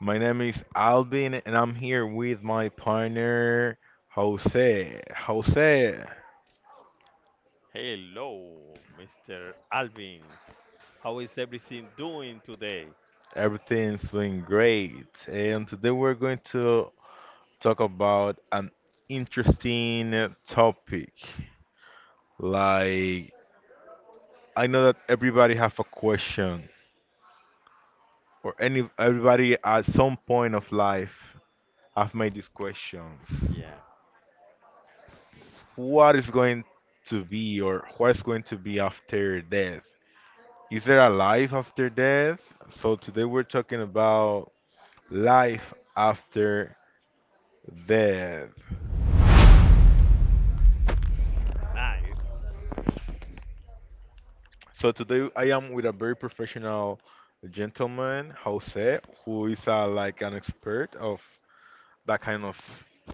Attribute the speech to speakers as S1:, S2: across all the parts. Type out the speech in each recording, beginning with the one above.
S1: My name is Alvin and I'm here with my partner Jose. Jose,
S2: Hello, Mr. Alvin. How is everything doing today?
S1: everything's doing great. And today we're going to talk about an interesting topic. Like I know that everybody have a question or any everybody at some point of life have made these questions.
S2: Yeah,
S1: What is going to be or what's going to be after death. Is there a life after death? So today we're talking about life after death.
S2: nice.
S1: So today I am with a very professional gentleman, Jose, who is like an expert of that kind of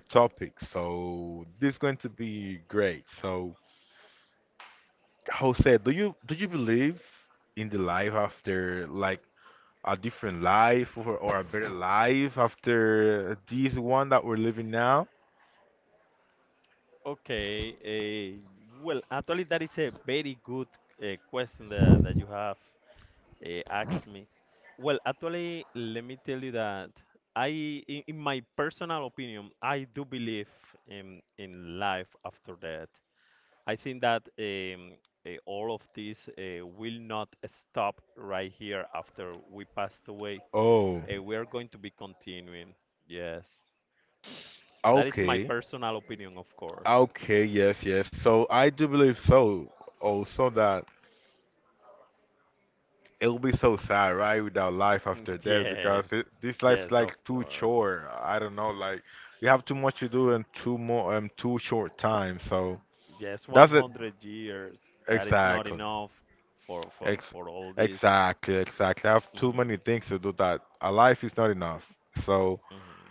S1: topic. So this is going to be great. So Jose, do you believe in the life after like a different life, or a better life after this one that we're living now?
S2: Okay. That is a very good question that you have asked me. Well, actually, let me tell you that I, in my personal opinion, I do believe in life after death. I think that all of this will not stop right here after we passed away.
S1: Oh,
S2: We are going to be continuing. Yes. That is my
S1: okay.
S2: personal opinion, of course.
S1: Okay, yes, yes. So I do believe so. Also that it'll be so sad, right, without life after death
S2: Yes.
S1: because this life's
S2: Yes, of
S1: like too
S2: course.
S1: short. I don't know, like you have too much to do in too more too short time. So
S2: Yes,
S1: that's it
S2: 100 years. That is not
S1: exactly.
S2: enough for for,
S1: Ex
S2: for all this.
S1: Exactly, exactly. I have too many
S2: hmm
S1: things to do that a life is not enough. So
S2: hmm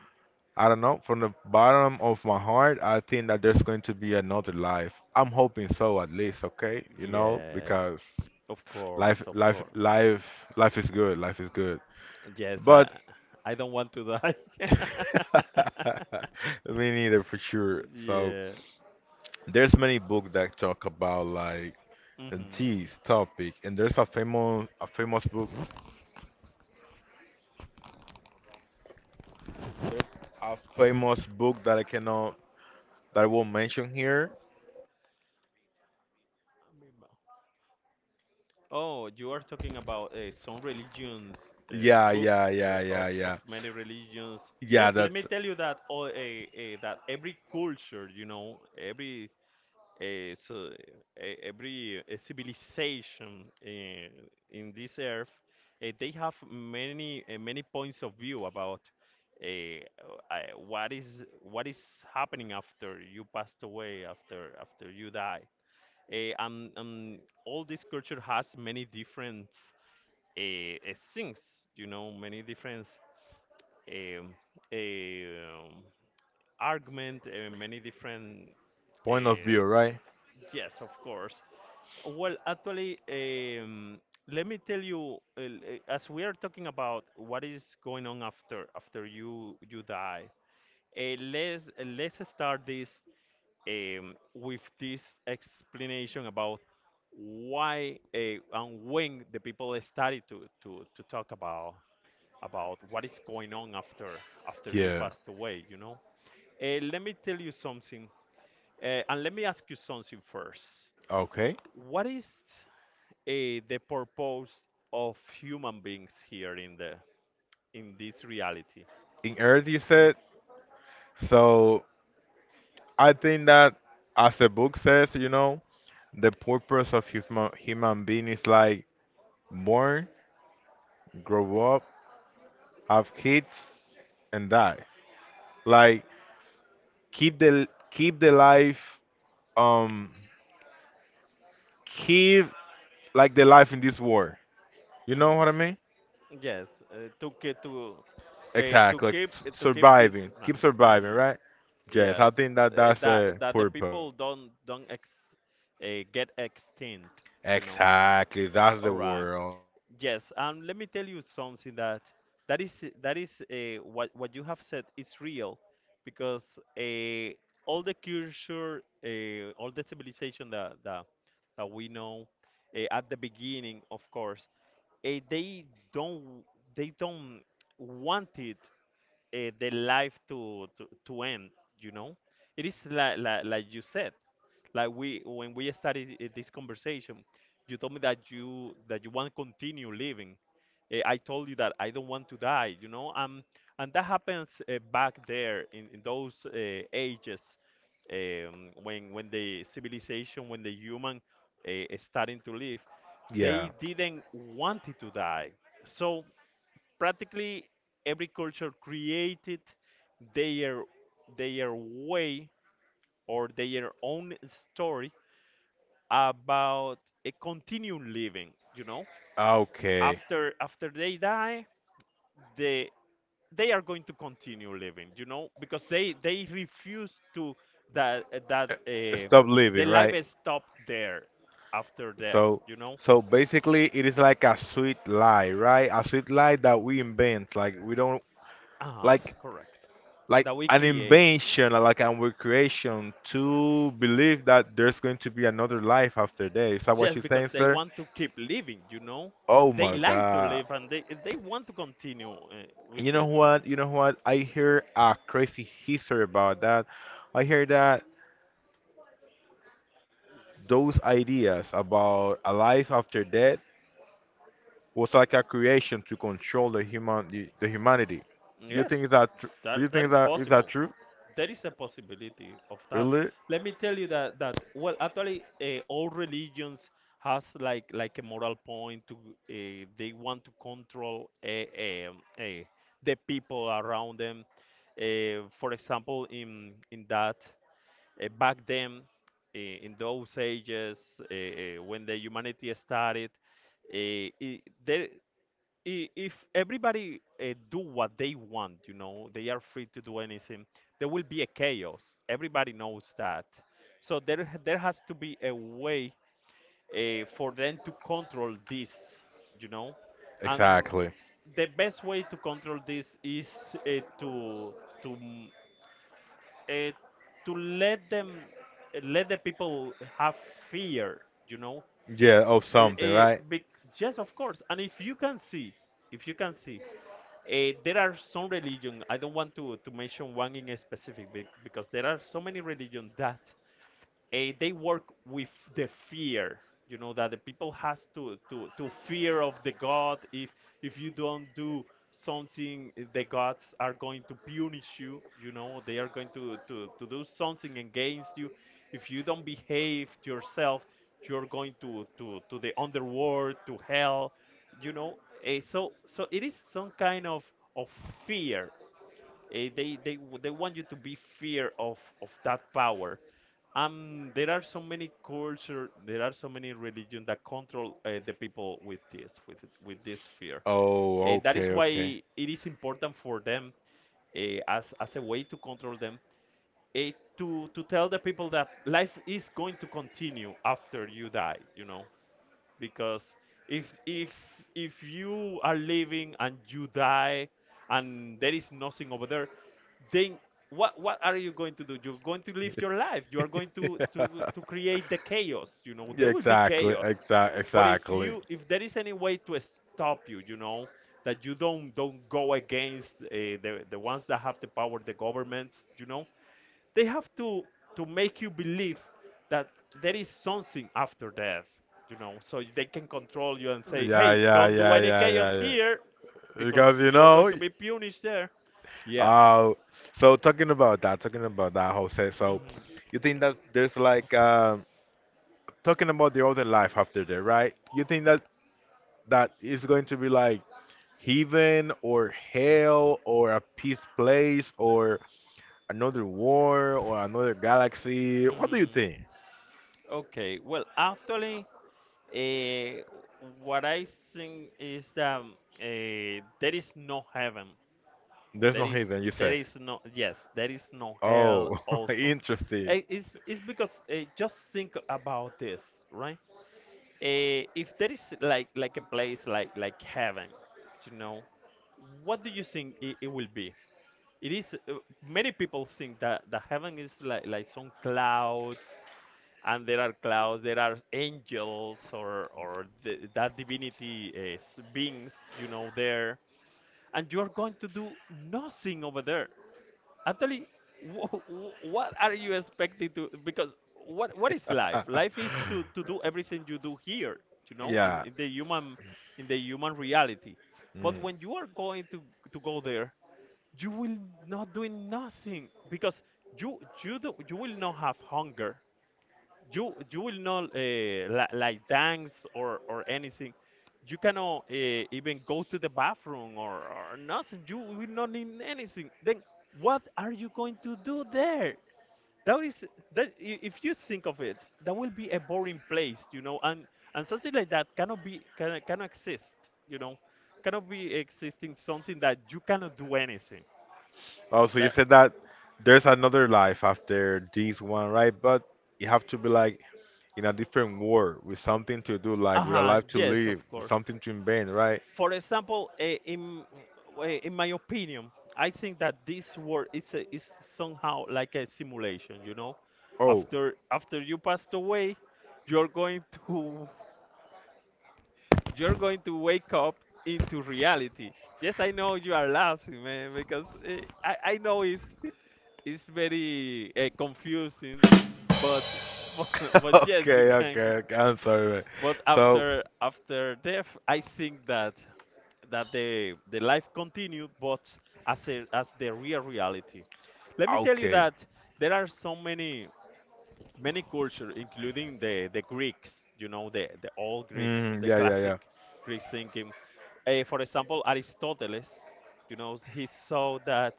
S1: I don't know. From the bottom of my heart, I think that there's going to be another life. I'm hoping so, at least. Okay,
S2: Yes.
S1: because
S2: Of course,
S1: life,
S2: of
S1: life,
S2: course.
S1: life, life is good. Life is good.
S2: Yes,
S1: But
S2: I don't want to die.
S1: me neither, for sure. So
S2: Yeah.
S1: there's many books that talk about like
S2: hmm
S1: this topic, and there's a famous book. There's a famous book that I won't mention here.
S2: Oh, you are talking about some religions
S1: Yeah,
S2: book
S1: yeah, yeah,
S2: of
S1: yeah, yeah.
S2: many religions.
S1: Yeah,
S2: Yes, let me
S1: that's
S2: tell you that that every culture, you know, every civilization in this earth, they have many many points of view about what is happening after you passed away, after you die. And all this culture has many different things, you know, many different um, um, argument, many different.
S1: point of
S2: eh,
S1: view, right?
S2: yes, of course. Well, actually, let me tell you, as we are talking about what is going on after you die. Let's start this with this explanation about why and when the people started to talk about what is going on after you
S1: Yeah.
S2: passed away. You know, let me tell you something, and let me ask you something first.
S1: Okay.
S2: What is uh, the purpose of human beings here in the in this reality?
S1: In Earth, you said. So I think that, as the book says, the purpose of human being is like born, grow up, have kids, and die. Like keep the life, um, keep like the life in this world. You know
S2: Mhm.
S1: what I mean?
S2: Yes, to
S1: Exactly. Like
S2: keep to keep this
S1: surviving. Keep
S2: night.
S1: surviving, right? Yes. I
S2: Yes,
S1: think that
S2: uh,
S1: that's
S2: that
S1: a
S2: that the
S1: purpose.
S2: people don't ex get extinct, you know.
S1: Exactly. That's the
S2: All right.
S1: world.
S2: Yes, and let me tell you something that that is what you have said is real, because uh, all the culture, all the civilization that we know at the beginning, of course, uh, they don't they don't want it the life to end, you know. It is like, like you said, like we when we started this conversation. You told me that you want to continue living. I told you that I don't want to die, you know. And that happens back there in those ages when the civilization, when the human starting to live,
S1: Yeah.
S2: they didn't want it to die. So practically every culture created their their way or their own story about a continuum living, you know,
S1: Okay.
S2: after they die. They they are going to continue living, you know, because they refuse to that that
S1: Uh, Stop
S2: the
S1: living,
S2: life
S1: right?
S2: is stopped there after death,
S1: So,
S2: you know.
S1: so, basically, it is like a sweet lie, right? A sweet lie that we invent, like we don't
S2: Ah,
S1: like
S2: correct.
S1: like
S2: That we
S1: an
S2: create
S1: invention, like a recreation to believe that there's going to be another life after that. Is that what
S2: just
S1: you're
S2: because
S1: saying,
S2: they
S1: sir?
S2: want to keep living, you know?
S1: Oh
S2: They
S1: my
S2: like to
S1: God.
S2: live and they want to continue with
S1: You know
S2: this
S1: what?
S2: life.
S1: You know what? I hear a crazy history about that. I hear that those ideas about a life after death was like a creation to control the humanity. Do you
S2: Yes,
S1: think is that tr- do you think
S2: that
S1: is
S2: is
S1: that is that
S2: possible.
S1: true?
S2: There is a possibility of that.
S1: Really?
S2: Let me tell you that, that well, actually, all religions has like a moral point to they want to control um uh, the people around them. For example, in that. Back then, when the humanity started, uh, i there, if everybody do what they want, you know, they are free to do anything, there will be a chaos. Everybody knows that. So there has to be a way for them to control this, you know, and
S1: Exactly.
S2: the best way to control this is uh, to to uh, to let them let the people have fear, you know.
S1: Yeah, of something,
S2: uh,
S1: right?
S2: yes, of course. And if you can see, if you can see there are some religion I don't want to mention one in specific because there are so many religion that they work with the fear, you know, that the people has to fear of the god. If you don't do something, the gods are going to punish you, you know. They are going to do something against you if you don't behave yourself. You're going to the underworld, to hell, you know. So so it is some kind of of fear. They they want you to be fear of that power. There are so many culture, there are so many religion that control the people with this with this fear.
S1: Oh,
S2: That is
S1: okay, okay.
S2: why it is important for them as a way to control them, uh, to tell the people that life is going to continue after you die. You know, because if if if you are living and you die and there is nothing over there, then what are you going to do? You're going to live your life. You are going to create the chaos, you know.
S1: Yeah,
S2: There will be
S1: exactly,
S2: chaos.
S1: exactly,
S2: But if
S1: exactly.
S2: you, if there is any way to stop you, you know, that you don't go against the ones that have the power, the governments, you know. They have to make you believe that there is something after death, you know, so they can control you and say,
S1: Yeah,
S2: "Hey,
S1: yeah,
S2: don't do
S1: yeah,
S2: any
S1: yeah, yeah,
S2: chaos
S1: yeah.
S2: here, because
S1: Because
S2: you are going to be punished there." Yeah.
S1: uh, so talking about that, Jose. So
S2: hmm
S1: you think that there's like talking about the other life after that, right? You think that that is going to be like heaven or hell or a peace place or another war or another galaxy? What do you
S2: hmm
S1: think?
S2: okay, well, actually, uh, what I think is that there is no heaven.
S1: There's
S2: There
S1: no
S2: is
S1: heaven, you
S2: there
S1: say?
S2: is no Yes, there is no hell
S1: Oh,
S2: also.
S1: interesting.
S2: It's because just think about this, right? If there is like a place like heaven, you know, what do you think it will be? It is many people think that the heaven is like some clouds, and there are clouds, there are angels or the, that divinity beings, you know, there, and you are going to do nothing over there. Actually, what are you expecting to? Because what is life? Life is to do everything you do here, you know,
S1: Yeah.
S2: in the human reality. But
S1: Mm.
S2: when you are going to go there, you will not doing nothing, because you will not have hunger. You will not like dance or anything. You cannot even go to the bathroom, or nothing. You will not need anything. Then what are you going to do there? That is, if you think of it, that will be a boring place, you know. And something like that cannot be cannot exist, you know. Cannot be existing something that you cannot do anything.
S1: Oh, so you
S2: That
S1: said that there's another life after this one, right? But you have to be like in a different world with something to do, like with a
S2: Uh-huh,
S1: life to
S2: yes, of
S1: live, with
S2: course.
S1: something to invent, right?
S2: For example, in my opinion, I think that this world is somehow like a simulation. You know,
S1: Oh.
S2: after after you passed away, you're going to you're going to wake up into reality. Yes, I know you are laughing, man, because I know it's very confusing, but but but yes, you
S1: Okay,
S2: can,
S1: okay, okay. I'm sorry, man.
S2: but
S1: So,
S2: after after death I think that the life continued, but as a, as the real reality. Let me tell you
S1: okay.
S2: that there are so many many cultures, including the Greeks, you know, the old Greeks,
S1: Mm,
S2: the
S1: yeah, yeah,
S2: classic
S1: yeah.
S2: Greek thinking. For example, Aristoteles, you know, he saw that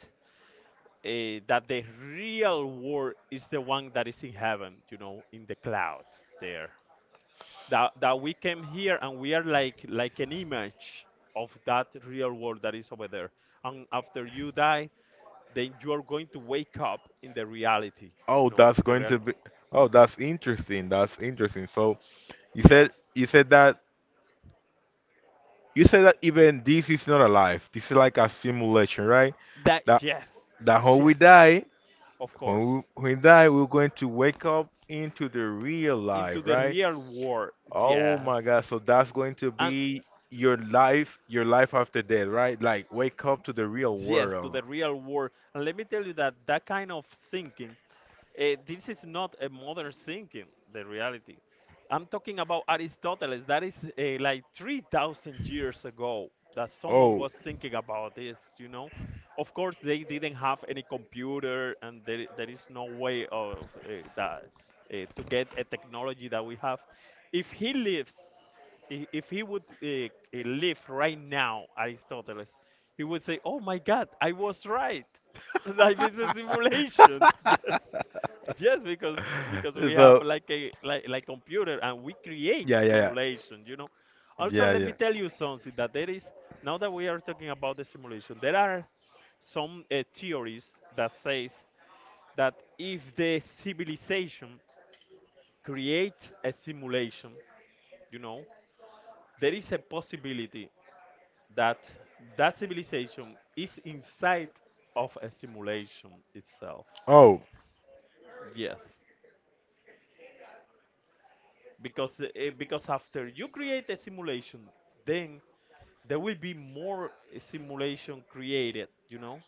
S2: that the real world is the one that is in heaven, you know, in the clouds there, that that we came here and we are like an image of that real world that is over there. And after you die, then you are going to wake up in the reality,
S1: Oh,
S2: you know,
S1: that's
S2: in the
S1: going to be.
S2: reality.
S1: Oh, that's interesting. That's interesting. So you said
S2: Yes.
S1: you said that you said that even this is not alive. This is like a simulation, right?
S2: That,
S1: That
S2: yes.
S1: that how we
S2: Yes,
S1: die
S2: of
S1: when
S2: course.
S1: we die, we're going to wake up into the real life,
S2: Into the
S1: right?
S2: real world.
S1: Oh my
S2: Yes.
S1: God! So that's going to
S2: And
S1: be your life after death, right? Like wake up to the real
S2: yes, to
S1: world.
S2: the real world. And let me tell you that that kind of thinking, this is not a modern thinking, the reality. I'm talking about Aristoteles. That is like 3,000 years ago that someone
S1: Oh.
S2: was thinking about this, you know? Of course, they didn't have any computer, and there is no way of that to get a technology that we have. If he lives, if he would live right now, Aristoteles, he would say, "Oh my God, I was right. Life is a simulation." Yes. Yes, because we have
S1: So
S2: like a like like computer and we create
S1: yeah, yeah, yeah,
S2: simulation, you know. Also,
S1: yeah,
S2: let
S1: yeah.
S2: me tell you something that there is now that we are talking about the simulation, there are some theories that says that if the civilization creates a simulation, you know, there is a possibility that that civilization is inside of a simulation itself.
S1: Oh,
S2: Yes. Because after you create a simulation then there will be more simulation created.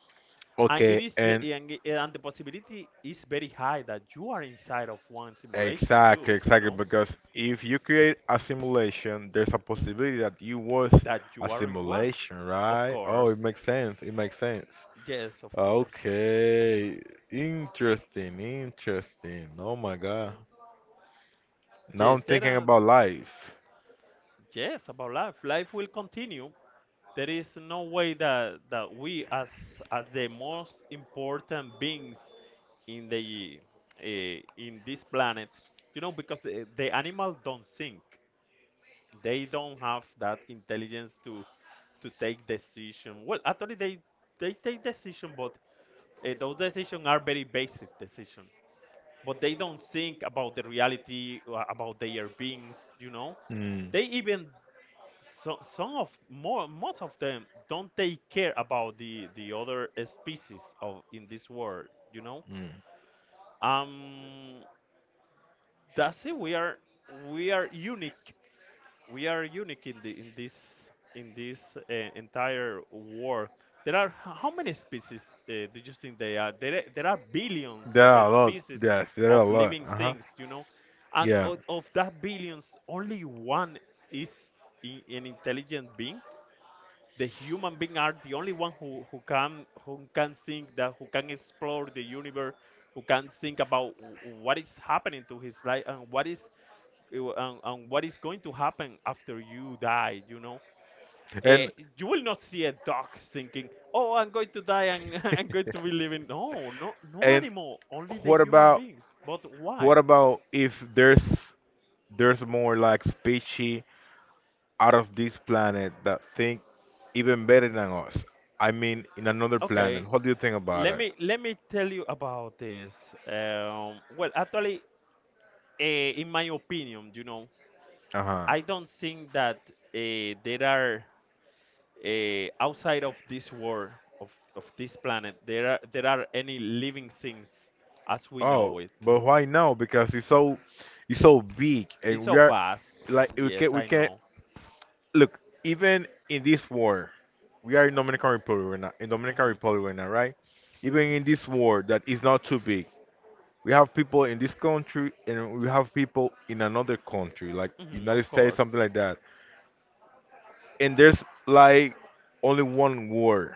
S2: And it
S1: okay.
S2: is the
S1: And
S2: and, it- and the possibility is very high that you are inside of one simulation
S1: exactly,
S2: too you
S1: exactly,
S2: know
S1: because if you create a simulation there's a possibility
S2: Hmm.
S1: that you was
S2: That
S1: a
S2: you are in one.
S1: simulation,
S2: Of
S1: right? Oh,
S2: course.
S1: it makes sense, it makes sense.
S2: Yes, of course.
S1: Okay, interesting, interesting. Oh my God. Now I'm
S2: Yes, there
S1: thinking
S2: are.
S1: about life.
S2: Yes, about life will continue. There is no way that we as the most important beings in the in this planet. Because the animal don't think. They don't have that intelligence to take decision. Well, actually they take decision, but those decisions are very basic decisions. But they don't think about the reality about their beings.
S1: Mm.
S2: They even So, some of more most of them don't take care about the other species of in this world you know
S1: Mm.
S2: um that's it. We are unique. We are unique in the in this entire world. There are how many species do you think they are? There are billions
S1: There
S2: of
S1: are a lot.
S2: species
S1: Yes, there are
S2: of
S1: a lot.
S2: living
S1: Uh huh.
S2: things, and
S1: Yeah.
S2: of that billions, only one is an intelligent being. The human being are the only one who can who can think that, who can explore the universe, who can think about what is happening to his life, and what is it wa- and what is going to happen after you die. uh,
S1: And
S2: you will not see a dog thinking, "Oh, I'm going to die, and I'm going to be living." No, no, no
S1: and
S2: animal, only the
S1: what
S2: human
S1: about
S2: beings. But why?
S1: what about if there's there's more like speechy out of this planet that think even better than us. I mean, in another
S2: Okay,
S1: planet. What do you think about
S2: let
S1: it?
S2: me let me tell you about this. Well actually, in my opinion.
S1: Uh huh.
S2: I don't think that there are outside of this world, of, of this planet, there are any living things as we
S1: Oh,
S2: know it.
S1: but why now? Because it's so big,
S2: It's
S1: and
S2: so
S1: we are
S2: vast.
S1: like we can
S2: Yes,
S1: we
S2: I
S1: can
S2: know.
S1: look even in this war, we are in Dominican Republic right now. In Dominican
S2: Hmm.
S1: Republic right now, right? Even in this war that is not too big, we have people in this country and we have people in another country, like
S2: Hmm,
S1: United
S2: of
S1: States, something
S2: course.
S1: like that. And there's like only one word.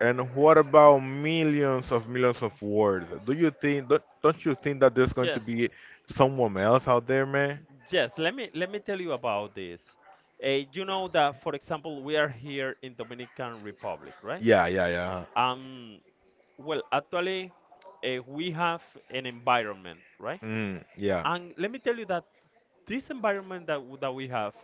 S1: And what about millions of words? Do you think don't you think that there's going to
S2: Yes.
S1: be someone else out there, man?
S2: Yes, let me tell you about this. You know that, for example, we are here in Dominican Republic, right?
S1: Yeah, yeah, yeah.
S2: um well, actually, we have an environment, right?
S1: Mm, yeah.
S2: And let me tell you that this environment that we have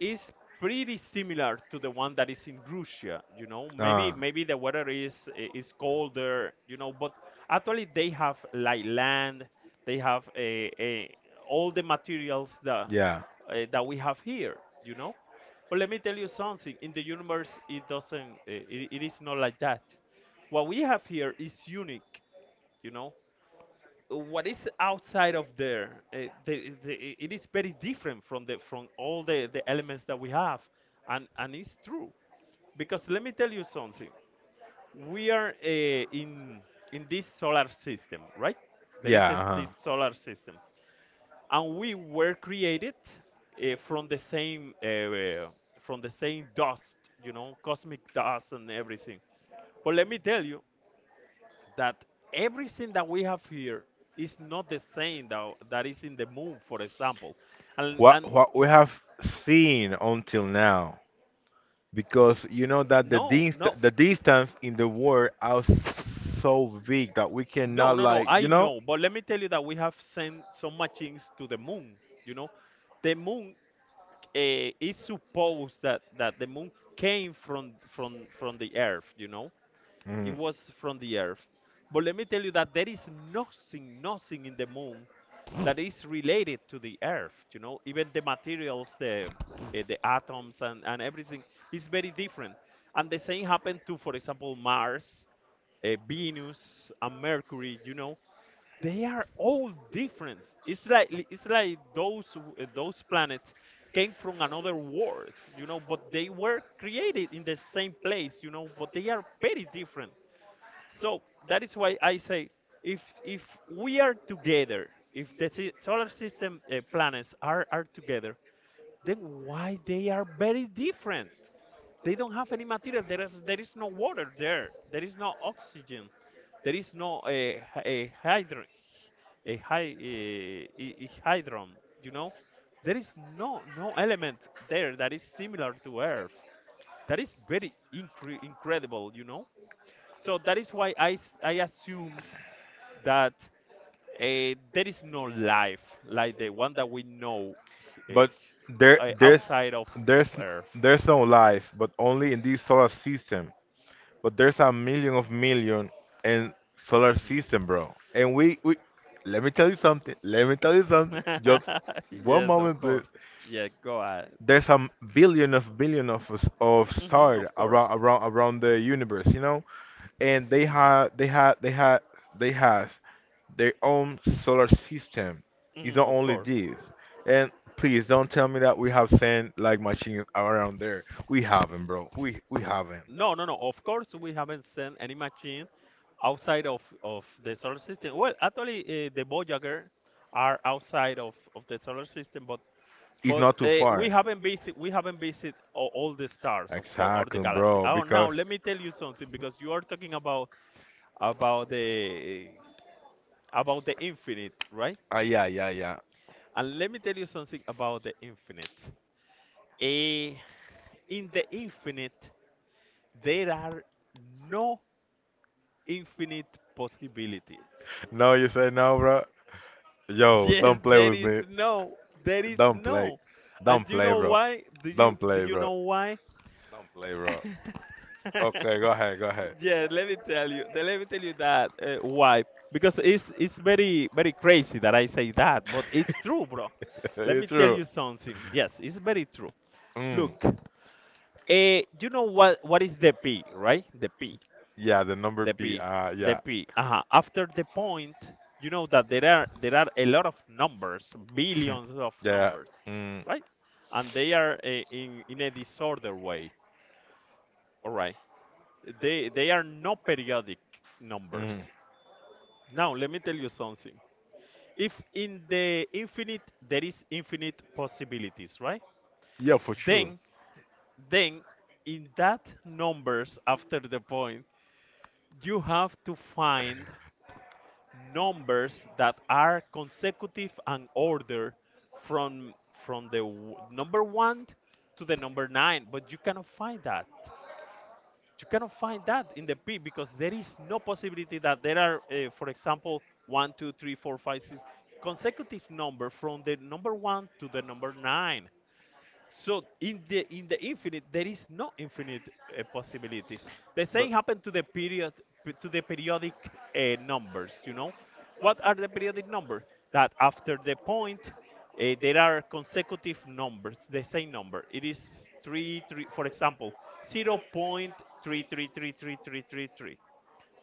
S2: is pretty similar to the one that is in Russia. You know, maybe
S1: Uh,
S2: maybe the weather is colder. You know, but actually they have like land, they have a all the materials that
S1: yeah.
S2: uh, that we have here. You know, but let me tell you something. In the universe, it doesn't. It is not like that. What we have here is unique. You know, what is outside of there, it is very different from the from all the elements that we have. And it's true, because let me tell you something. We are in this solar system, right? There is
S1: Yeah, uh-huh.
S2: this solar system. And we were created uh, from the same uh, uh, from the same dust, you know, cosmic dust and everything. But let me tell you that everything that we have here is not the same that is in the moon, for example. And
S1: What
S2: and
S1: what we have seen until now. Because you know that the
S2: no,
S1: dist
S2: no,
S1: the distance in the world are so big that we
S2: no,
S1: cannot
S2: no, no.
S1: like you
S2: I
S1: know.
S2: know, but let me tell you that we have sent some machines to the moon. You know, the moon is supposed that that the moon came from the earth. You know, it
S1: Mhm.
S2: was from the Earth. But let me tell you that there is nothing, nothing in the moon that is related to the Earth. You know, even the materials, the atoms, and everything is very different. And the same happened to, for example, Mars, Venus, and Mercury. You know, they are all different. It's like those planets came from another world. You know, but they were created in the same place. You know, but they are very different. So that is why I say, if we are together, if the solar system planets are together, then why they are very different? They don't have any material. There is no water there. There is no oxygen. There is no a a hydro a hy, eh, I- hydron. You know, there is no element there that is similar to Earth. That is very incredible. You know. So that is why I assume that there is no life like the one that we know uh,
S1: But there there's
S2: outside of
S1: there's
S2: Earth.
S1: there's no life, but only in this solar system. But there's a million of million in solar
S2: Mhm.
S1: system, bro. And we let me tell you something. Let me tell you something. Just one
S2: yes, of
S1: moment, please.
S2: course. Yeah, go ahead.
S1: There's a billion of of
S2: Hmm,
S1: stars
S2: of
S1: around
S2: course.
S1: around around the universe, and they have
S2: Mhm.
S1: they have they have they have their own solar system. It's
S2: Mhm,
S1: not
S2: of
S1: only
S2: course.
S1: this, and please don't tell me that we have sent like machines around there. We haven't, bro. We haven't.
S2: No, no, no. Of course, we haven't sent any machine outside of the solar system. Well, actually, the Voyager are outside of the solar system. but
S1: It's
S2: But
S1: not too
S2: we
S1: far.
S2: haven't visit we haven't visit all the stars, of course, or the
S1: Exactly,
S2: galaxy.
S1: bro.
S2: Oh, now
S1: Because
S2: let me tell you something, because you are talking about about the about the infinite, right?
S1: ah, yeah, yeah, yeah.
S2: And let me tell you something about the infinite. Eh, in the infinite, there are no infinite possibilities.
S1: No, you say no, bro. Yo,
S2: Yes,
S1: don't play
S2: there
S1: with
S2: is
S1: me.
S2: no, there is
S1: Don't play.
S2: no. And
S1: Don't
S2: you
S1: play,
S2: know
S1: bro.
S2: why? Do you
S1: Don't
S2: do
S1: play,
S2: you
S1: bro.
S2: know why?
S1: Don't play, bro. Okay, go ahead, go ahead.
S2: Yeah, let me tell you. Let me tell you that why? Because it's very very crazy that I say that, but it's true, bro. Let me
S1: It's
S2: tell
S1: true.
S2: you something. Yes, it's very true.
S1: Mm.
S2: Look, you know what is the P, right? The P,
S1: Yeah, the number
S2: the
S1: P.
S2: P, the
S1: Yeah.
S2: P. Uh-huh. After the point, you know that there are a lot of numbers, billions of
S1: Yeah.
S2: numbers,
S1: Mm.
S2: right? And they are in a disorder way. All right. They are not periodic
S1: Mm.
S2: numbers. Now, let me tell you something. If in the infinite there is infinite possibilities, right?
S1: Yeah, for sure.
S2: Then, then, in that numbers after the point, you have to find numbers that are consecutive and order from number 1 to the number 9, but you cannot find that. You cannot find that in the P because there is no possibility that there are, for example, one, two, three, four, five, six consecutive number from the number one to the number nine. So in the infinite, there is no infinite possibilities. The same happened to the periodic numbers. You know, what are the periodic numbers? That after the point, there are consecutive numbers, the same number. It is three, three. For example, 0.3333333.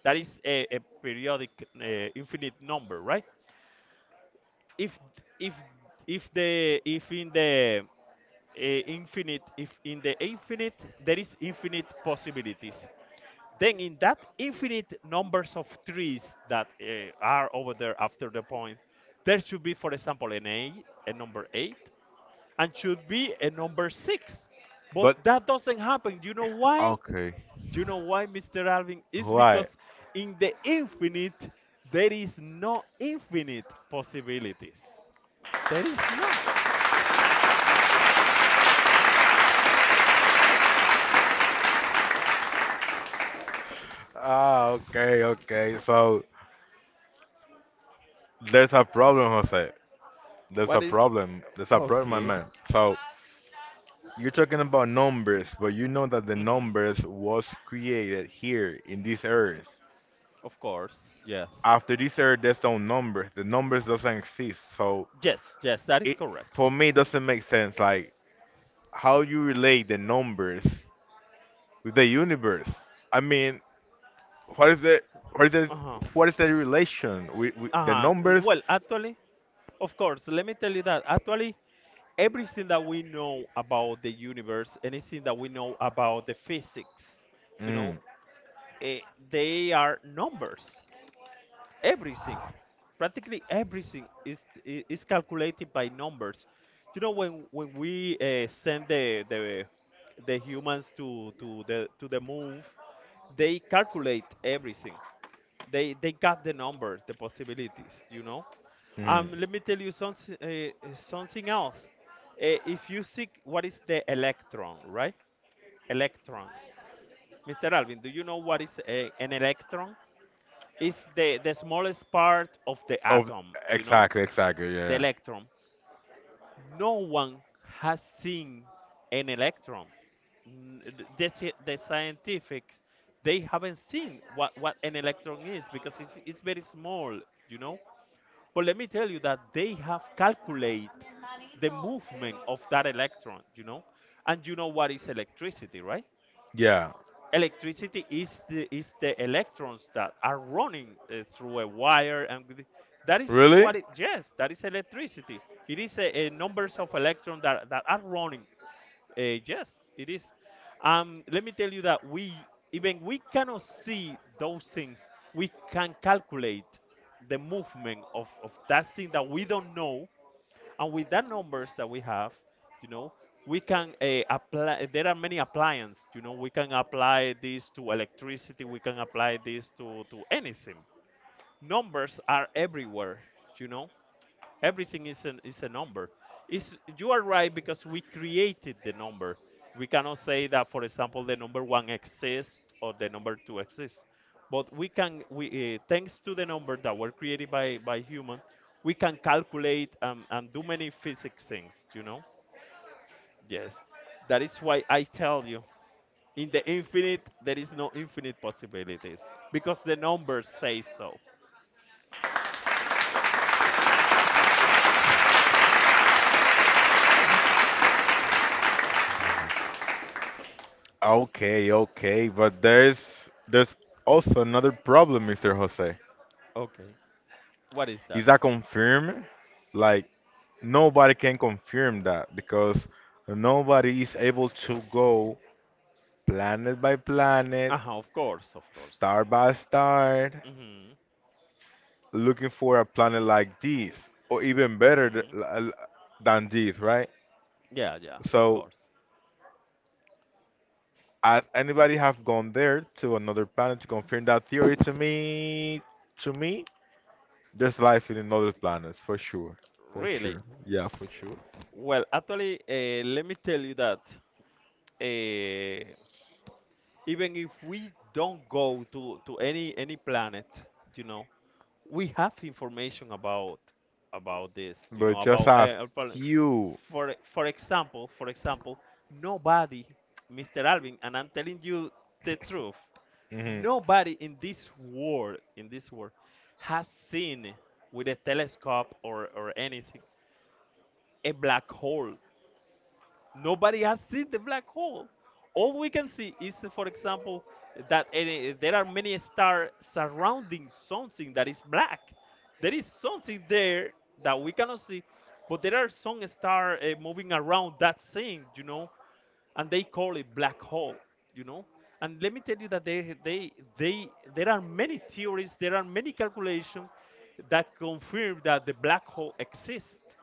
S2: That is a periodic infinite number, right? If if if the if in the eh, infinite if in the infinite there is infinite possibilities, then in that infinite numbers of trees that are over there after the point, there should be, for example, an eight, a number 8, and should be a number 6, but that doesn't happen. Do you know why?
S1: Okay.
S2: Do you know why, Mr. Alvin? It's
S1: Why? Because
S2: because in the infinite there is no infinite possibilities. There is no.
S1: ah, okay, okay. So there's a problem, Jose. There's a
S2: What is?
S1: problem. There's a problem, my
S2: Okay.
S1: man. So you're talking about numbers, but you know that the
S2: Mhm.
S1: numbers was created here in this earth.
S2: Of course, yes.
S1: After this earth, there's no numbers. The numbers doesn't exist. So
S2: Yes, yes, that is
S1: it for
S2: correct.
S1: me doesn't make sense. Like how you relate the numbers with the universe. I mean, what is the what is the
S2: Uh-huh.
S1: what is the relation with the
S2: Uh-huh.
S1: numbers?
S2: Well, actually, of course, let me tell you that actually everything that we know about the universe, anything that we know about the physics, you know,
S1: Mm,
S2: eh, they are numbers. Everything, practically everything is calculated by numbers. You know, when we send the humans to the moon, they calculate everything. They got the numbers, the possibilities.
S1: mm.
S2: Let me tell you something, something else. If you seek what is the electron, right? Electron, Mr. Alvin, do you know what is an electron? It's the smallest part of the
S1: Of
S2: atom, you know,
S1: Exactly, exactly.
S2: the
S1: Yeah,
S2: electron. No one has seen an electron. N- the scientifics, they haven't seen what an electron is, because it's very small you know But let me tell you that they have calculated the movement of that electron, you know? And you know what is electricity, right?
S1: yeah.
S2: Electricity is the electrons that are running through a wire. And that is
S1: Really?
S2: what it, yes, that is electricity. It is a numbers of electrons that are running. Yes, it is. Let me tell you that we cannot see those things. We can calculate the movement of that thing that we don't know, and with that numbers that we have, you know, we can apply. There are many appliances. You know, we can apply this to electricity. We can apply this to anything. Numbers are everywhere. You know, everything is a number is you are right because we created the number. We cannot say that, for example, the number one exists or the number two exists, but we thanks to the number that were created by human, we can calculate and do many physics things, you know. Yes, that is why I tell you, in the infinite there is no infinite possibilities because the numbers say so.
S1: Okay, okay. But there's also another problem, Mr. Jose.
S2: Okay, what is that?
S1: Is that confirmed? Like nobody can confirm that because nobody is able to go planet by planet,
S2: Uh-huh, of course, of course.
S1: star by star,
S2: Mhm.
S1: looking for a planet like this, or even better
S2: Mm,
S1: l- than this, right?
S2: yeah, yeah, of
S1: So,
S2: course.
S1: has anybody have gone there to another planet to confirm that theory to me? To me? There's life in another planets for sure, for
S2: Really?
S1: sure. Yeah, for sure.
S2: Well, actually, let me tell you that uh, even if we don't go to any planet, you know, we have information about this, you know,
S1: But just a few.
S2: For example, nobody, Mr. Alvin, and I'm telling you the truth,
S1: Mhm.
S2: nobody in this world, has seen with a telescope or anything a black hole. Nobody has seen the black hole. All we can see is, for example, that there are many stars surrounding something that is black. There is something there that we cannot see, but there are some stars moving around that thing, you know, and they call it black hole, you know. And let me tell you that there are many theories, there are many calculations that confirm that the black hole exists,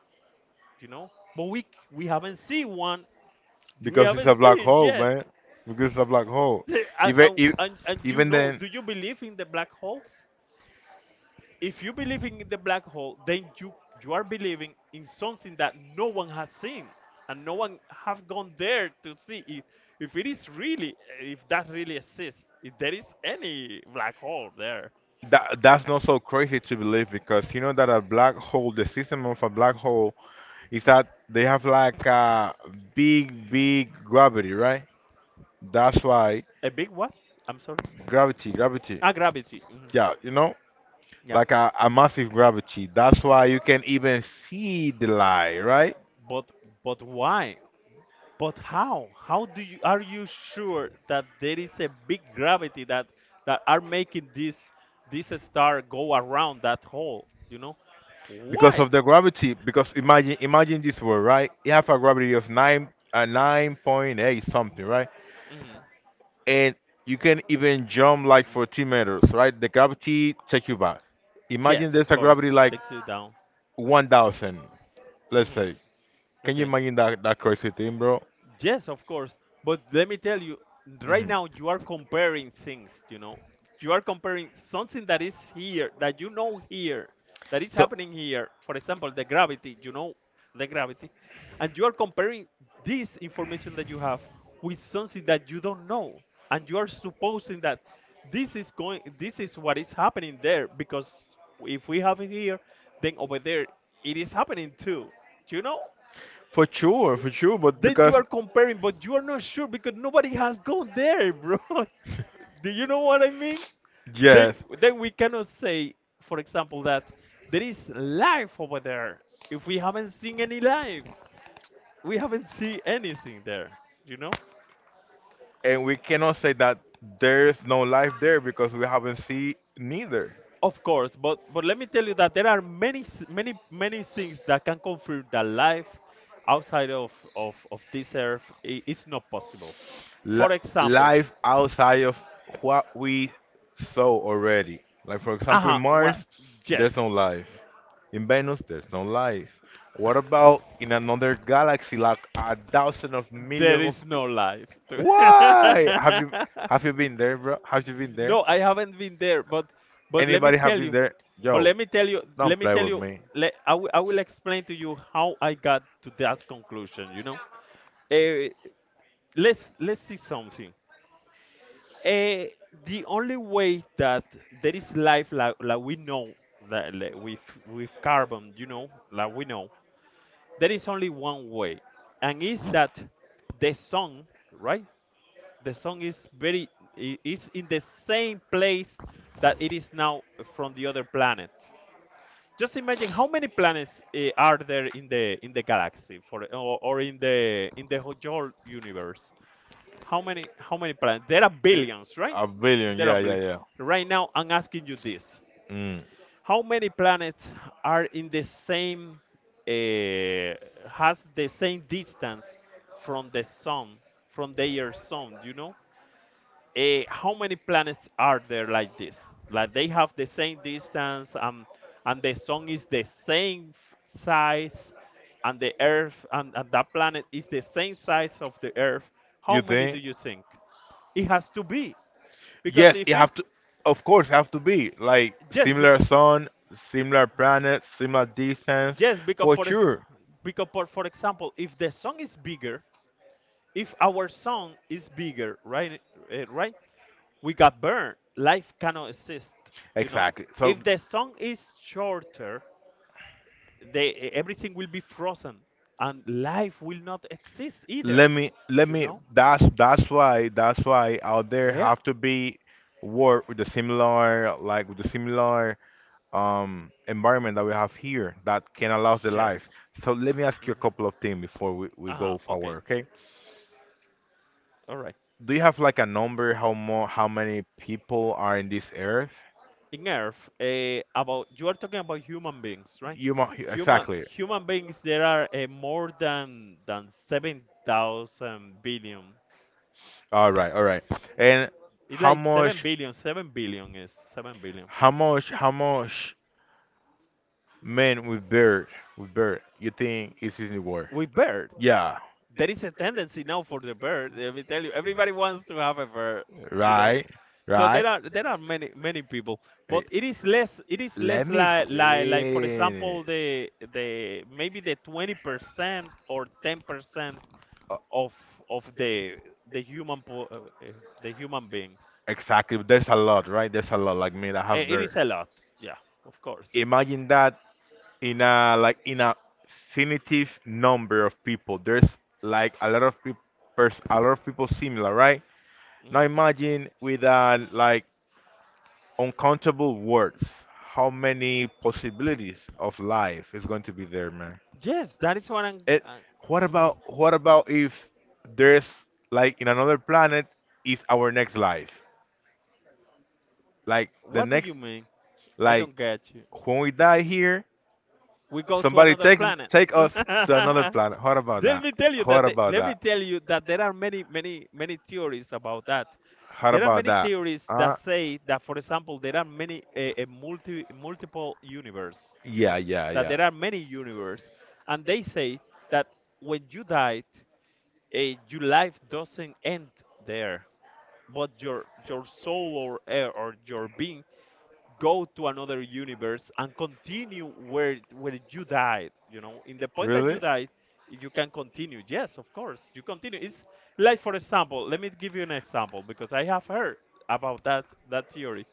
S2: you know. But we haven't seen one. We
S1: Because it's a
S2: haven't
S1: black
S2: seen it
S1: hole,
S2: yet.
S1: man. Because it's a black hole.
S2: And,
S1: Even
S2: and,
S1: if,
S2: and, and you
S1: even
S2: know,
S1: then,
S2: do you believe in the black holes? If you believe in the black hole, then you are believing in something that no one has seen and no one have gone there to see if it is really, if that really exists, if there is any black hole there.
S1: that's not so crazy to believe because you know that a black hole, the system of a black hole, is that they have like a big, big gravity, right? That's why
S2: A big what? I'm sorry.
S1: gravity, gravity.
S2: Ah, gravity, mhm.
S1: Yeah, you know.
S2: Yeah,
S1: Like a massive gravity. That's why you can even see the light, right?
S2: but but why? But how? How do you are you sure that there is a big gravity that that are making this star go around that hole? You know
S1: Because
S2: why?
S1: of the gravity. Because imagine this world, right? You have a gravity of 9.8 something, right?
S2: Hmm.
S1: And you can even jump like 14 meters, right? The gravity take you back. Imagine
S2: Yes, of
S1: there's a
S2: course,
S1: gravity like
S2: takes you down.
S1: 1,000, let's
S2: Hmm.
S1: say. Can you
S2: Okay.
S1: imagine that crazy thing, bro?
S2: Yes, of course. But let me tell you, right
S1: Mhm.
S2: now you are comparing things, you know. You are comparing something that is here, that you know here, that is
S1: So
S2: happening here. For example, the gravity, you know, the gravity. And you are comparing this information that you have with something that you don't know. And you are supposing that this is what is happening there because if we have it here, then over there it is happening too. You know?
S1: for sure, for sure, but
S2: Then you are comparing, but you are not sure because nobody has gone there, bro. Do you know what I mean?
S1: yes,
S2: Then we cannot say, for example, that there is life over there if we haven't seen any life. We haven't seen anything there, you know.
S1: and we cannot say that there's no life there because we haven't seen neither.
S2: Of course, but let me tell you that there are many things that can confirm that life outside of this earth is not possible.
S1: li-
S2: For example,
S1: Life outside of what we saw already. Like for
S2: uh
S1: example, in
S2: huh. Well,
S1: Mars, there's
S2: yes.
S1: no life. In Venus, there's no life. What about in another galaxy, like a thousand of
S2: There
S1: million of.
S2: is no life.
S1: Why? Have you been there, bro? Have you been there?
S2: No, I haven't been there, but let me
S1: Anybody have
S2: tell
S1: been
S2: you,
S1: there?
S2: but
S1: Yo,
S2: let me tell you, let
S1: don't
S2: me
S1: play
S2: tell
S1: with
S2: you,
S1: me.
S2: I will explain to you how I got to that conclusion. You know, Eh, let's see something. Eh, the only way that there is life like we know, that like, with carbon, you know, like we know, there is only one way, and is that the sun, right? The song is very it's in the same place that it is now from the other planet. Just imagine how many planets are there in the galaxy for or in the whole universe. How many planets? There are
S1: Eh,
S2: billions, right?
S1: A billion,
S2: There are
S1: yeah, yeah,
S2: billions.
S1: yeah.
S2: Right now, I'm asking you this:
S1: Mm.
S2: How many planets are in the same uh, has the same distance from the sun, from their sun? You know? How many planets are there like this? Like they have the same distance, and the sun is the size, and the Earth, and that planet is the same size of the Earth. How
S1: You
S2: many do
S1: think?
S2: you think? It has to be because
S1: Yes, it
S2: if it
S1: have to. Of course, have to be like
S2: just be,
S1: similar sun, similar planets, similar distance,
S2: just because
S1: for sure.
S2: because for example, if the sun is bigger, if our sun is bigger, right, right? We got burned. Life cannot exist, you know.
S1: Exactly. So
S2: If the song is shorter, they everything will be frozen, and life will not exist
S1: let
S2: either,
S1: me let
S2: you
S1: me.
S2: know.
S1: That's why out there
S2: Yeah.
S1: have to be work with the similar environment that we have here that can allow the life.
S2: Yes.
S1: So let me ask you a
S2: Mm-hmm.
S1: couple of things before we
S2: Uh-huh.
S1: go forward.
S2: Okay.
S1: Okay.
S2: All right.
S1: Do you have like a number how many people are in this earth?
S2: In Earth, about, you are talking about human beings, right?
S1: You mo Exactly.
S2: Human beings. There are more than 7,000 billion.
S1: All right, all right. And
S2: It's
S1: how
S2: like seven
S1: much
S2: billion. 7 billion is 7 billion.
S1: how much men with beard you think is in the world?
S2: With bird.
S1: Yeah,
S2: There is a tendency now for the bird. Let me tell you, everybody wants to have a bird, you know.
S1: right,
S2: So
S1: right.
S2: there are many people, but
S1: Eh,
S2: it is
S1: Let
S2: less,
S1: me
S2: like, like for
S1: finish.
S2: example, the maybe the 20% or 10%
S1: Uh,
S2: of the the human po- uh, uh, the human beings.
S1: Exactly. There's a lot, right? There's a lot like me that have
S2: It
S1: beard.
S2: is a lot, yeah, of course.
S1: Imagine that in a definitive number of people. There's like a lot of people, a lot of people similar, right? Now
S2: Mm.
S1: imagine with like uncountable words, how many possibilities of life is going to be there, man?
S2: Yes, that is what I'm.
S1: It. What
S2: Mhm.
S1: about if there's like in another planet is our next life? Like the
S2: What do
S1: next,
S2: you mean? I
S1: like
S2: don't get you.
S1: when we die here,
S2: We go to
S1: somebody
S2: another
S1: take
S2: planet.
S1: take us to another planet. What about
S2: Let
S1: that?
S2: me tell you that.
S1: What
S2: They,
S1: about
S2: let me
S1: that?
S2: tell you that there are many, many, many theories about that.
S1: How
S2: There are
S1: about
S2: many
S1: that?
S2: theories that
S1: Uh,
S2: say that, for example, there are many a multiple universe. You know
S1: yeah, yeah,
S2: that
S1: yeah.
S2: there are many universe, and they say that when you died, your life doesn't end there, but your soul or or your being go to another universe and continue where you died, you know, in the point that you
S1: Really?
S2: died. If you can continue, yes, of course, you continue. It's like for example, let me give you an example because I have heard about that theory,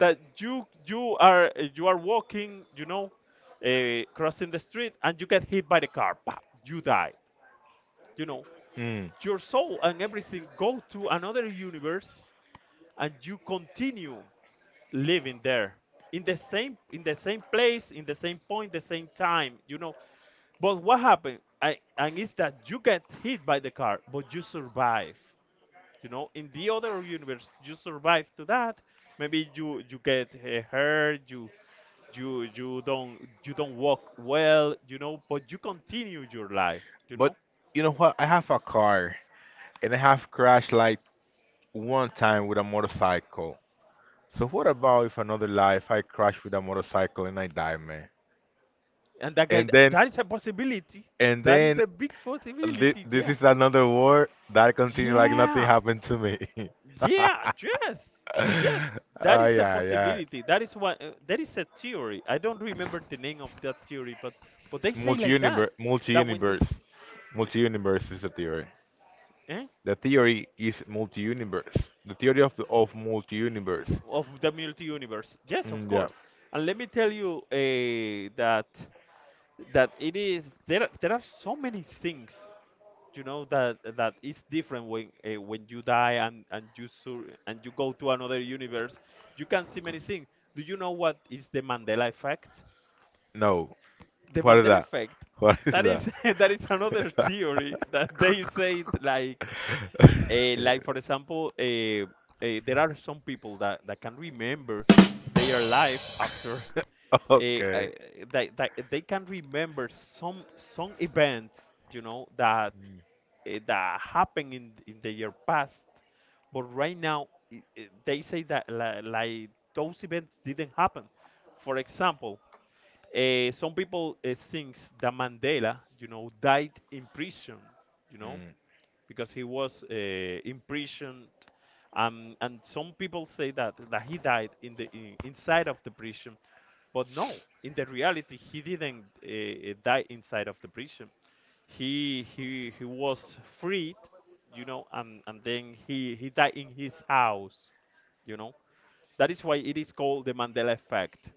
S2: that you are you are walking, you know, crossing the street and you get hit by the car, bah, you die, you know.
S1: Mm.
S2: Your soul and everything go to another universe and you continue living there in the same, in the same place, in the same point, the same time, you know. But what happened, I, and it's that you get hit by the car but you survive, you know, in the other universe you survive to that. Maybe you get hurt, you you don't, you don't walk well, you know, but you continue your life, you know.
S1: But you know what? I have a car and I have crashed like one time with a motorcycle. So what about if another life I crash with a motorcycle and I die, man?
S2: And that guy,
S1: And then
S2: that is a possibility.
S1: And
S2: That is
S1: then
S2: a big
S1: thi-
S2: possibility,
S1: this
S2: yeah.
S1: is another war that continued like nothing
S2: Yeah.
S1: happened to me.
S2: Yeah, yes, yes. That
S1: Ah,
S2: is a
S1: yeah, yeah.
S2: possibility. That is what. That is a theory. I don't remember the name of that theory, but they say like that.
S1: Multi-universe,
S2: That when you,
S1: multi-universe,
S2: b-
S1: multi-universe is the theory.
S2: eh?
S1: The theory is multi-universe. The theory of multi-universe.
S2: Of the multi-universe. Yes, of
S1: Mm, yeah.
S2: course. And let me tell you, that that it is there. Are- there are so many things, you know, that that is different when you die and and you go to another universe. You can see many things. Do you know what is the Mandela effect?
S1: No.
S2: The
S1: What is
S2: Mandela
S1: that?
S2: effect.
S1: What is
S2: That
S1: that?
S2: is that is another theory that they say like for example there are some people that, that can remember their life after uh, uh,
S1: Okay.
S2: that, that they can remember some events, you know, that
S1: Mm,
S2: that happened in their past, but right now they say that, like those events didn't happen. For example, some people thinks that Mandela, you know, died in prison, you know,
S1: mm,
S2: because he was imprisoned, and some people say that that he died in the in, inside of the prison, but no, in the reality, he didn't die inside of the prison. He was freed, you know, and and then he died in his house, you know. That is why it is called the Mandela effect.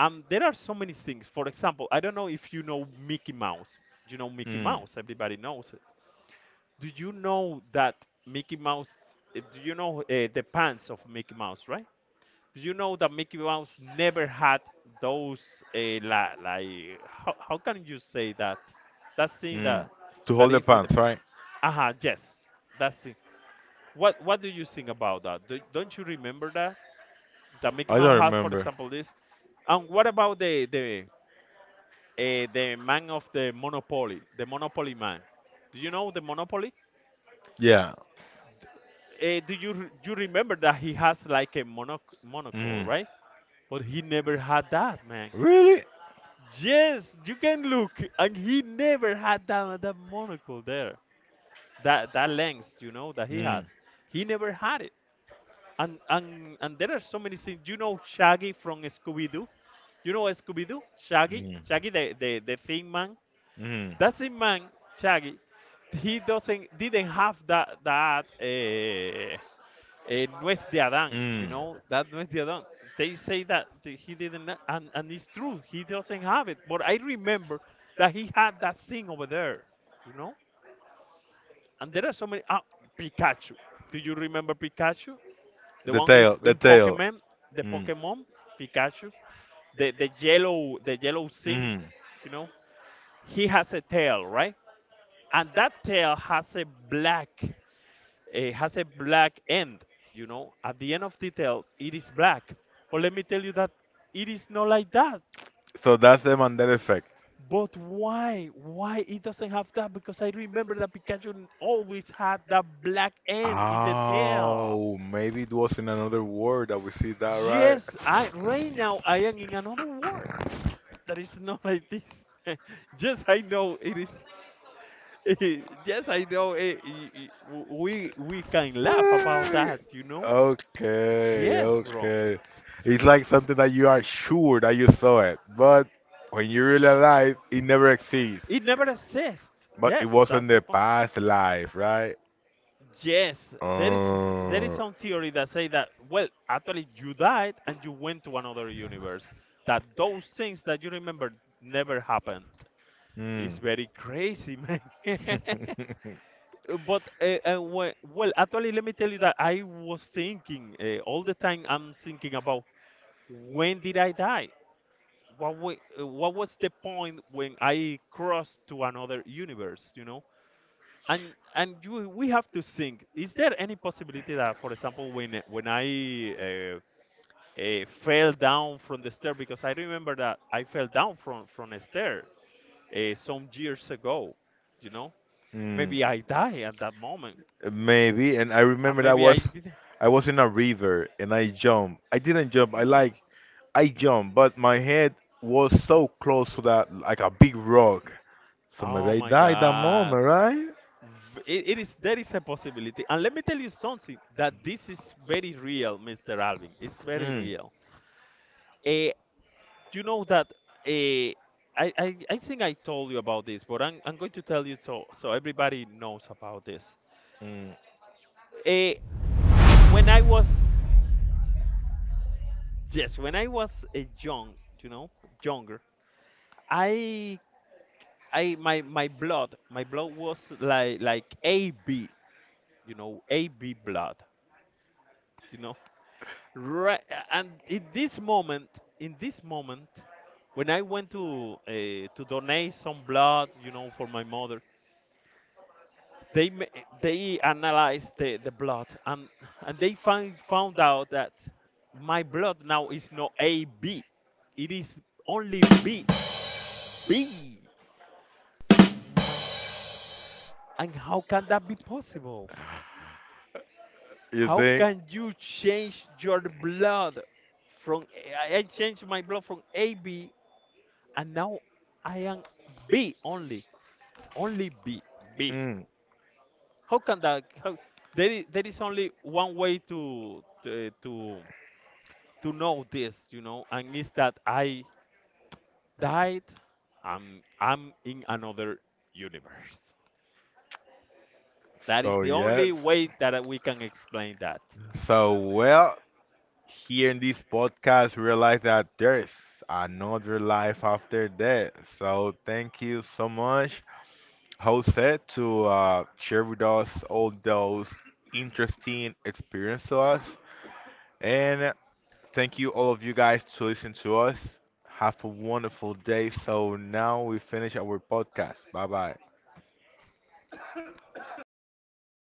S2: There are so many things. For example, I don't know if you know Mickey Mouse. You know Mickey
S1: mm.
S2: Mouse. Everybody knows it. Do you know that Mickey Mouse? Do you know the pants of Mickey Mouse, right? Do you know that Mickey Mouse never had those like how can you say that? That thing
S1: Mm.
S2: that
S1: To
S2: that
S1: hold the
S2: is with the
S1: pants,
S2: pa-
S1: right?
S2: uh-huh, yes, that thing. What do you think about that? Don't you remember that that Mickey
S1: I
S2: Mouse
S1: don't
S2: has, for
S1: remember.
S2: example, this? And what about the man of the Monopoly man. Do you know the Monopoly?
S1: Yeah.
S2: Do you you remember that he has like a monocle,
S1: Mm.
S2: right? But he never had that, man.
S1: Really?
S2: Yes, you can look, and he never had that that monocle there. That that lens, you know, that he
S1: Mm.
S2: has. He never had it. And there are so many things. You know Shaggy from Scooby Doo? You know Scooby Doo? Shaggy,
S1: Mm.
S2: Shaggy, the Thin Man. That's in man, Shaggy. He
S1: Mm.
S2: doesn't didn't have that nuez de Adán. You
S1: Mm.
S2: know that nuez de Adán. They say that he didn't, and it's true. He doesn't have it. But I remember that he had that thing over there. You know, and there are so many. Ah, Pikachu. Do you remember Pikachu? The
S1: The
S2: one if,
S1: tail, the
S2: in
S1: tail.
S2: Pokemon, the
S1: Mm.
S2: Pokemon Pikachu, the yellow, the yellow thing.
S1: Mm.
S2: You know, he has a tail, right? And that tail has a black, has a black end. You know, at the end of the tail it is black, but let me tell you that it is not like that.
S1: So that's the Mandela effect.
S2: But why it doesn't have that, because I remember that Pikachu always had that black end in the tail.
S1: Oh, maybe it was in another world that we see that, right?
S2: Yes, I, right now I am in another world that is not like this. Yes, I know it is. Yes, I know. W We can laugh about
S1: Hey,
S2: that.
S1: okay,
S2: Yes, bro.
S1: okay. It's like something that you are sure that you saw it, but when you
S2: J-
S1: realize it never exists,
S2: It never exists.
S1: but it
S2: Yes,
S1: was in
S2: that's the
S1: the
S2: point.
S1: past life, right?
S2: Yes, there is, there is
S1: Uh,
S2: some theory that say that, well, actually, you died and you went to another universe. That those things that you remember never happened. It's
S1: mm.
S2: very crazy, man. But well, actually, let me tell you that I was thinking, all the time. I'm thinking about, when did I die? What what was the point when I crossed to another universe? You know, and you we have to think, is there any possibility that, for example, when when I uh, fell down from the stair, because I remember that I fell down from a stair some years ago, you know,
S1: Mm,
S2: maybe I die at that moment.
S1: maybe. And I
S2: And
S1: remember that
S2: maybe
S1: was
S2: I did.
S1: I was in a river and I jumped. I didn't jump. I like
S2: Mm.
S1: I jumped, but my head was so close to that like a big rock. So maybe
S2: Oh
S1: I
S2: my
S1: died that
S2: God.
S1: moment, right?
S2: It, it is there is a possibility. And let me tell you something that this is very real, Mr. Alvin. It's very
S1: Mm,
S2: real. Eh, you know that, I think I told you about this, but I'm going to tell you, so everybody knows about this.
S1: mm.
S2: Uh, when I was, yes, when I was a young, you know, younger, I, my blood was like, AB, you know, AB blood, you know, right. And in this moment, when I went to donate some blood, you know, for my mother, they they analyzed the blood, and they find found out that my blood now is not AB, it is only B. B. My, and how can that be possible?
S1: You
S2: How
S1: think?
S2: can you change your blood from, I changed my blood from AB, and now I am B only, only B. B.
S1: Mm.
S2: How can that? How, there is only one way to to, to know this, you know, and is that I died, I'm in another universe. That is
S1: So
S2: the only
S1: yes.
S2: way that we can explain that.
S1: So well, here in this podcast realize that there's another life after death. So thank you so much, Jose, to share with us all those interesting experiences to us. And thank you all of you guys to listen to us. Have a wonderful day. So now we finish our podcast. Bye bye.